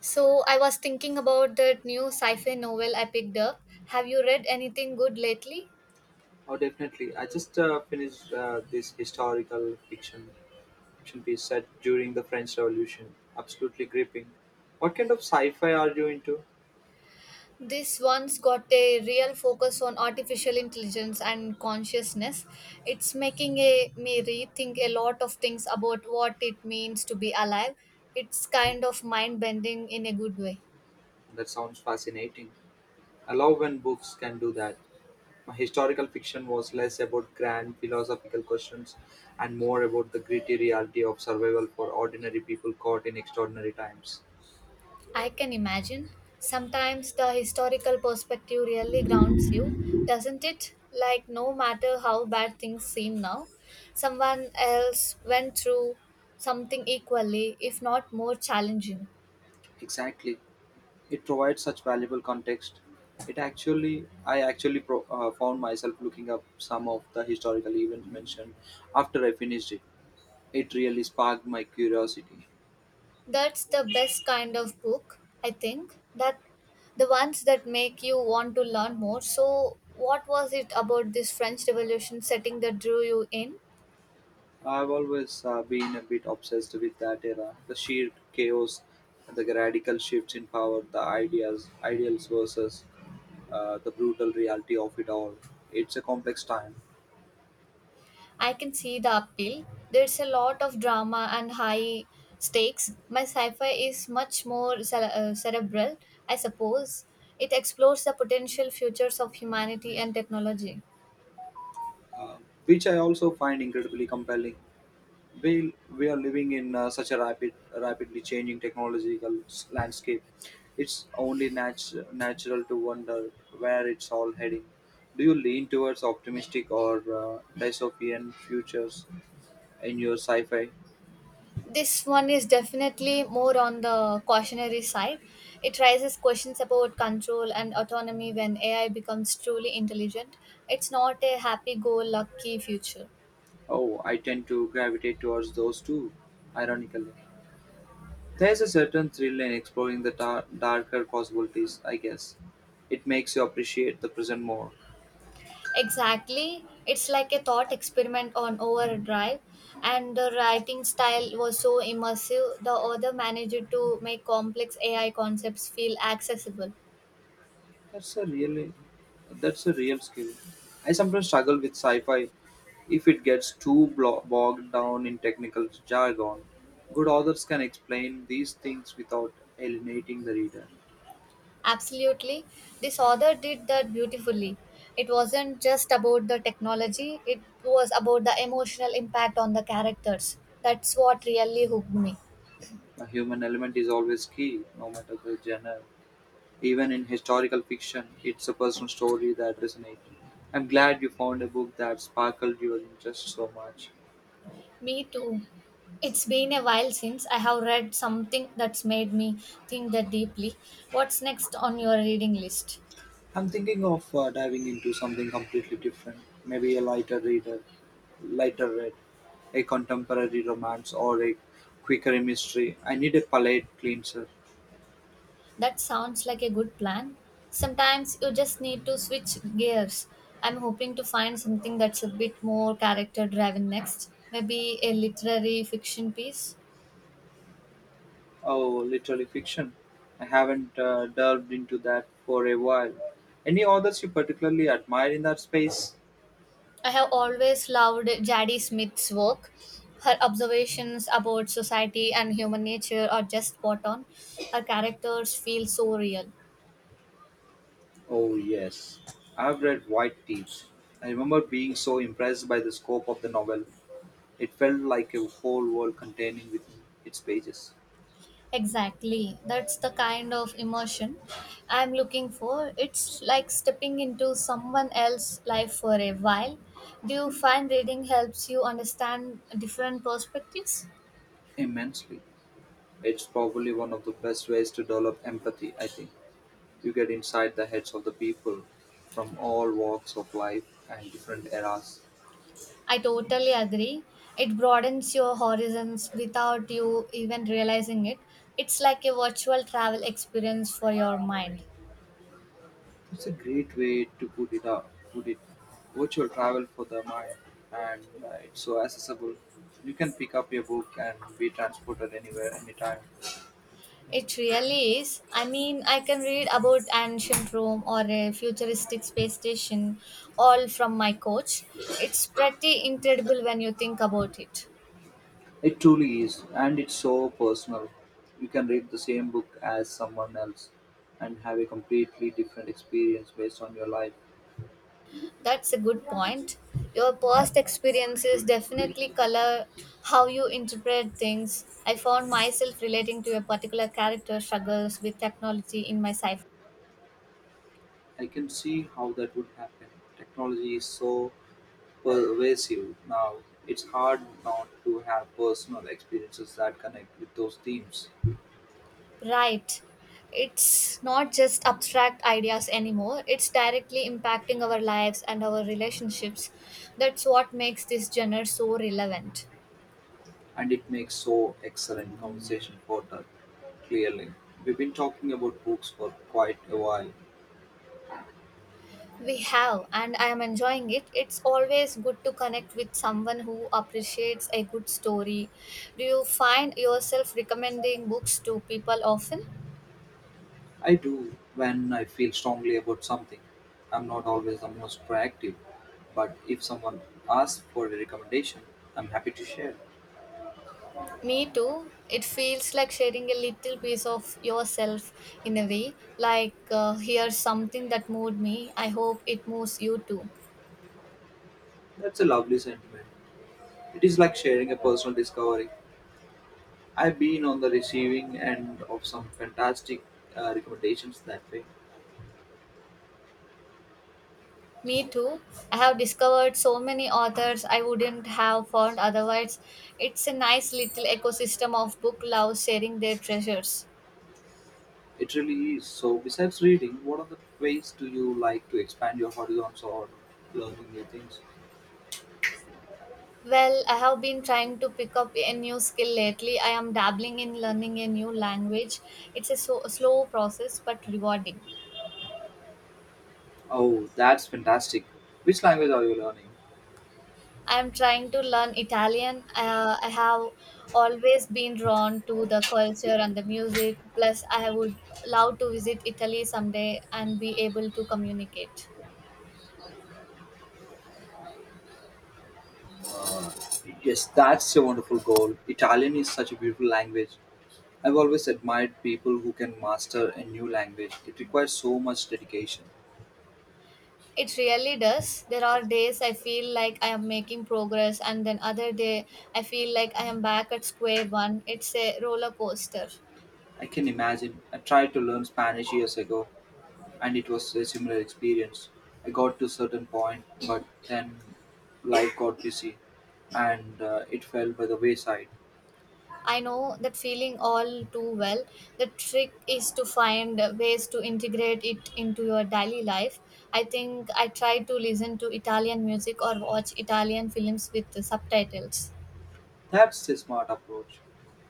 So I was thinking about that new sci-fi novel I picked up. Have you read anything good lately? Oh, definitely. I just finished this historical fiction piece set during the French Revolution. Absolutely gripping. What kind of sci-fi are you into? This one's got a real focus on artificial intelligence and consciousness. It's making me rethink a lot of things about what it means to be alive. It's kind of mind bending in a good way. That sounds fascinating. I love when books can do that. My historical fiction was less about grand philosophical questions and more about the gritty reality of survival for ordinary people caught in extraordinary times. I can imagine. Sometimes the historical perspective really grounds you, doesn't it? Like, no matter how bad things seem now, someone else went through something equally, if not more challenging. Exactly. It provides such valuable context. I actually found myself looking up some of the historical events mentioned after I finished it. It really sparked my curiosity. That's the best kind of book, I think. That the ones that make you want to learn more. So, what was it about this French Revolution setting that drew you in? I've always been a bit obsessed with that era, the sheer chaos, the radical shifts in power, the ideals versus the brutal reality of it all. It's a complex time, I can see the appeal. There's a lot of drama and high stakes. My sci fi is much more cerebral, I suppose. It explores the potential futures of humanity and technology. uh, which I also find incredibly compelling. We are living in such a rapidly changing technological landscape. It's only natural to wonder where it's all heading. Do you lean towards optimistic or dystopian futures in your sci-fi? This one is definitely more on the cautionary side. It raises questions about control and autonomy when AI becomes truly intelligent. It's not a happy go lucky future. Oh, I tend to gravitate towards those two, ironically. There's a certain thrill in exploring the darker possibilities, I guess. It makes you appreciate the present more. Exactly. It's like a thought experiment on overdrive. And the writing style was so immersive, the author managed to make complex AI concepts feel accessible. That's a really that's a real skill. I sometimes struggle with sci-fi if it gets too bogged down in technical jargon. Good authors can explain these things without alienating the reader. Absolutely. This author did that beautifully. It wasn't just about the technology, it was about the emotional impact on the characters. That's what really hooked me. A human element is always key, no matter the genre. Even in historical fiction, it's a personal story that resonates. I'm glad you found a book that sparkled your interest so much. Me too. It's been a while since I have read something that's made me think that deeply. What's next on your reading list? I'm thinking of diving into something completely different, maybe a lighter read, a contemporary romance or a quicker mystery. I need a palate cleanser. That sounds like a good plan. Sometimes you just need to switch gears. I'm hoping to find something that's a bit more character driven next. Maybe a literary fiction piece. Oh, literary fiction. I haven't delved into that for a while. Any authors you particularly admire in that space? I have always loved Jadie Smith's work. Her observations about society and human nature are just spot on. Her characters feel so real. Oh, yes. I've read White Thieves. I remember being so impressed by the scope of the novel. It felt like a whole world containing within its pages. Exactly. That's the kind of immersion I'm looking for. It's like stepping into someone else's life for a while. Do you find reading helps you understand different perspectives? Immensely. It's probably one of the best ways to develop empathy, I think. You get inside the heads of the people from all walks of life and different eras. I totally agree. It broadens your horizons without you even realizing it. It's like a virtual travel experience for your mind. It's a great way to put it, virtual travel for the mind, and it's so accessible. You can pick up your book and be transported anywhere, anytime. It really is. I mean, I can read about ancient Rome or a futuristic space station all from my coach. It's pretty incredible when you think about it. It truly is, and it's so personal. You can read the same book as someone else and have a completely different experience based on your life. That's a good point. Your past experiences definitely color how you interpret things. I found myself relating to a particular character struggles with technology in my sci. I can see how that would happen. Technology is so pervasive now, it's hard not to have personal experiences that connect with those themes. Right. It's not just abstract ideas anymore, it's directly impacting our lives and our relationships. That's what makes this genre so relevant. And it makes so excellent conversation for that, clearly. We've been talking about books for quite a while. We have, and I am enjoying it. It's always good to connect with someone who appreciates a good story. Do you find yourself recommending books to people often? I do when I feel strongly about something. I'm not always the most proactive, but if someone asks for a recommendation, I'm happy to share. Me too. It feels like sharing a little piece of yourself in a way. Like, here's something that moved me. I hope it moves you too. That's a lovely sentiment. It is like sharing a personal discovery. I've been on the receiving end of some fantastic recommendations that way. Me too. I have discovered so many authors I wouldn't have found otherwise. It's a nice little ecosystem of book lovers sharing their treasures. It really is. So, besides reading, what other ways do you like to expand your horizons or learning new things? Well, I have been trying to pick up a new skill lately. I am dabbling in learning a new language. It's a slow process but rewarding. Oh, that's fantastic. Which language are you learning? I'm trying to learn Italian. I have always been drawn to the culture and the music. Plus, I would love to visit Italy someday and be able to communicate. Uh, yes, that's a wonderful goal. Italian is such a beautiful language. I've always admired people who can master a new language. It requires so much dedication. It really does. There are days I feel like I am making progress, and then other day I feel like I am back at square one. It's a roller coaster. I can imagine. I tried to learn Spanish years ago, and it was a similar experience. I got to certain point, but then life got busy, and it fell by the wayside. I know that feeling all too well. The trick is to find ways to integrate it into your daily life. I think I try to listen to Italian music or watch Italian films with the subtitles. That's a smart approach.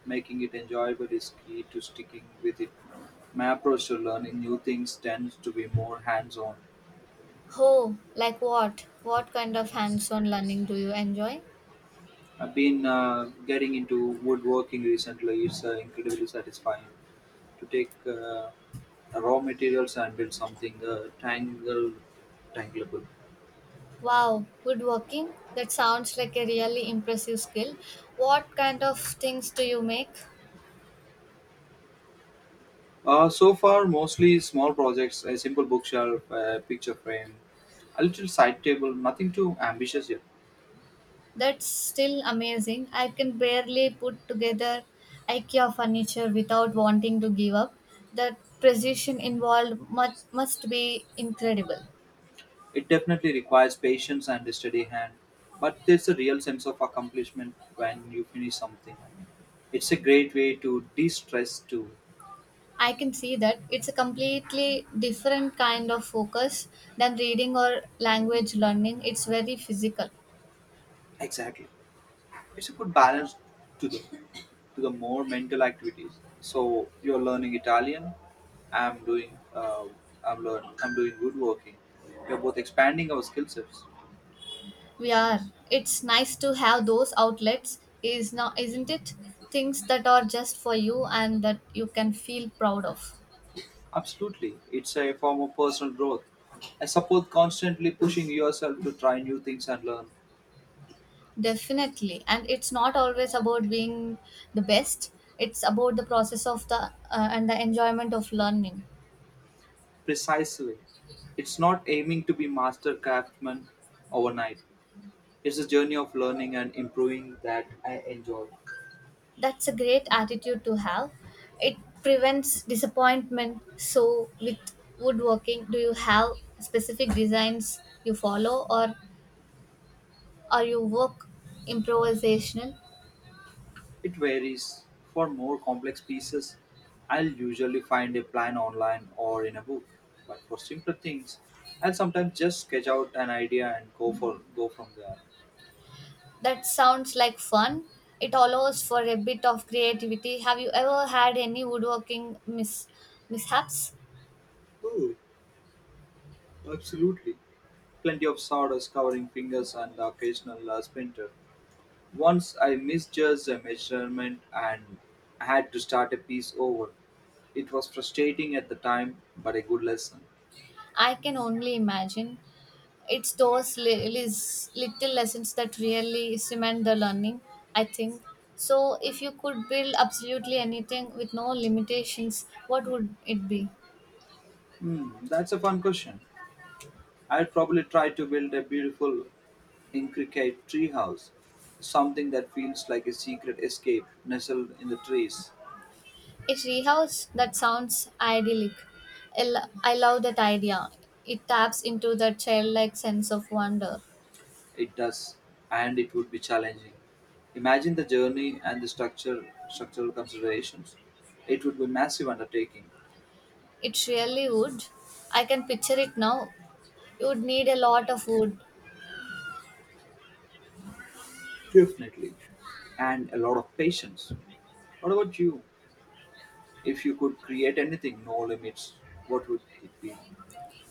Making it enjoyable is key to sticking with it. My approach to learning new things tends to be more hands-on. Oh, like what? What kind of hands on learning do you enjoy? I've been getting into woodworking recently. It's incredibly satisfying to take raw materials and build something tangleable. Wow, woodworking? That sounds like a really impressive skill. What kind of things do you make? So far, mostly small projects, a simple bookshelf, a picture frame, a little side table, nothing too ambitious yet. That's still amazing. I can barely put together IKEA furniture without wanting to give up. The precision involved must be incredible. It definitely requires patience and a steady hand, but there's a real sense of accomplishment when you finish something. It's a great way to de stress too. I can see that it's a completely different kind of focus than reading or language learning. It's very physical. Exactly. It's a good balance to the, to the more mental activities. So you're learning Italian, I'm doing I'm doing woodworking. We're both expanding our skill sets. We are. It's nice to have those outlets, is now, isn't it? Things that are just for you and that you can feel proud of. Absolutely. It's a form of personal growth, I suppose, constantly pushing yourself to try new things and learn. Definitely. And it's not always about being the best. It's about the process of the and the enjoyment of learning. Precisely. It's not aiming to be master craftsman overnight. It's a journey of learning and improving that I enjoy. That's a great attitude to have. It prevents disappointment. So with woodworking, do you have specific designs you follow or are you work improvisational? It varies. For more complex pieces, I'll usually find a plan online or in a book. But for simpler things, I'll sometimes just sketch out an idea and go from there. That sounds like fun. It allows for a bit of creativity. Have you ever had any woodworking mishaps? Oh, absolutely. Plenty of sawdust covering fingers and the occasional splinter. Once I misjudged a measurement and had to start a piece over. It was frustrating at the time, but a good lesson. I can only imagine. It's those little lessons that really cement the learning, I think. So, if you could build absolutely anything with no limitations, what would it be? Hmm, that's a fun question. I'd probably try to build a beautiful, intricate treehouse, something that feels like a secret escape nestled in the trees. A treehouse that sounds idyllic. I love that idea. It taps into that childlike sense of wonder. It does, and it would be challenging. Imagine the journey and structural considerations. It would be massive undertaking, It really would. I can picture it now. You would need a lot of wood. definitely, and a lot of patience. What about you? If you could create anything, no limits, what would it be?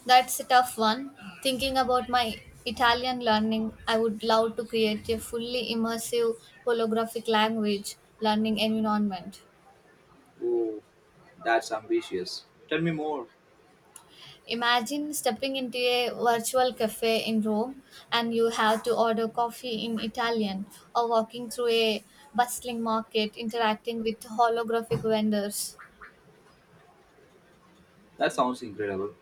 That's a tough one. Thinking about my Italian learning, I would love to create a fully immersive holographic language learning environment. Oh, that's ambitious. Tell me more. Imagine stepping into a virtual cafe in Rome and you have to order coffee in Italian or walking through a bustling market interacting with holographic vendors. That sounds incredible.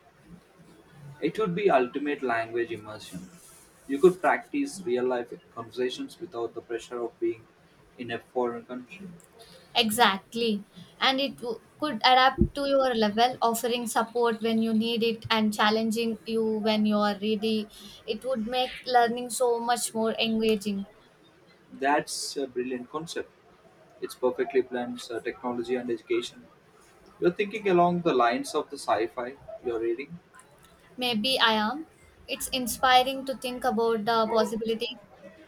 It would be ultimate language immersion. You could practice real life conversations without the pressure of being in a foreign country. Exactly. And could adapt to your level, offering support when you need it and challenging you when you are ready. It would make learning so much more engaging. That's a brilliant concept. It's perfectly blends technology and education. You're thinking along the lines of the sci fi you're reading. Maybe I am. It's inspiring to think about the possibilities.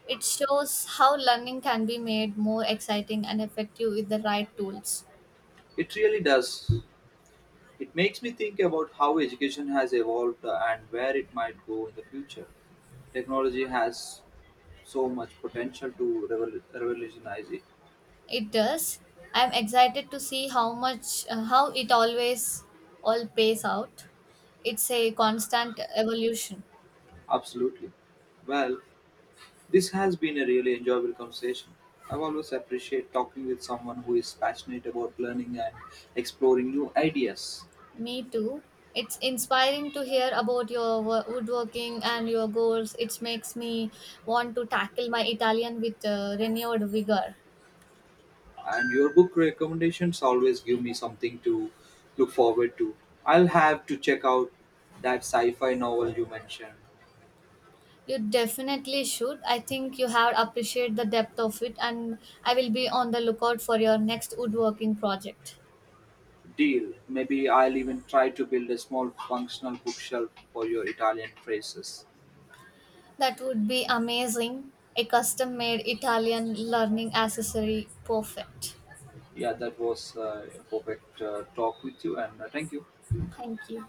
It shows how learning can be made more exciting and effective with the right tools. It really does. It makes me think about how education has evolved and where it might go in the future. Technology has so much potential to revolutionize it. It does. I'm excited to see how it always all pays out. It's a constant evolution. Absolutely. Well, this has been a really enjoyable conversation. I've always appreciate talking with someone who is passionate about learning and exploring new ideas. Me too. It's inspiring to hear about your woodworking and your goals. It makes me want to tackle my Italian with renewed vigor. And your book recommendations always give me something to look forward to. I'll have to check out that sci-fi novel you mentioned. You definitely should. I think you have appreciated the depth of it, and I will be on the lookout for your next woodworking project. Deal. Maybe I'll even try to build a small functional bookshelf for your Italian phrases. That would be amazing. A custom made Italian learning accessory. Perfect. Yeah, that was a perfect talk with you, and thank you. Thank you.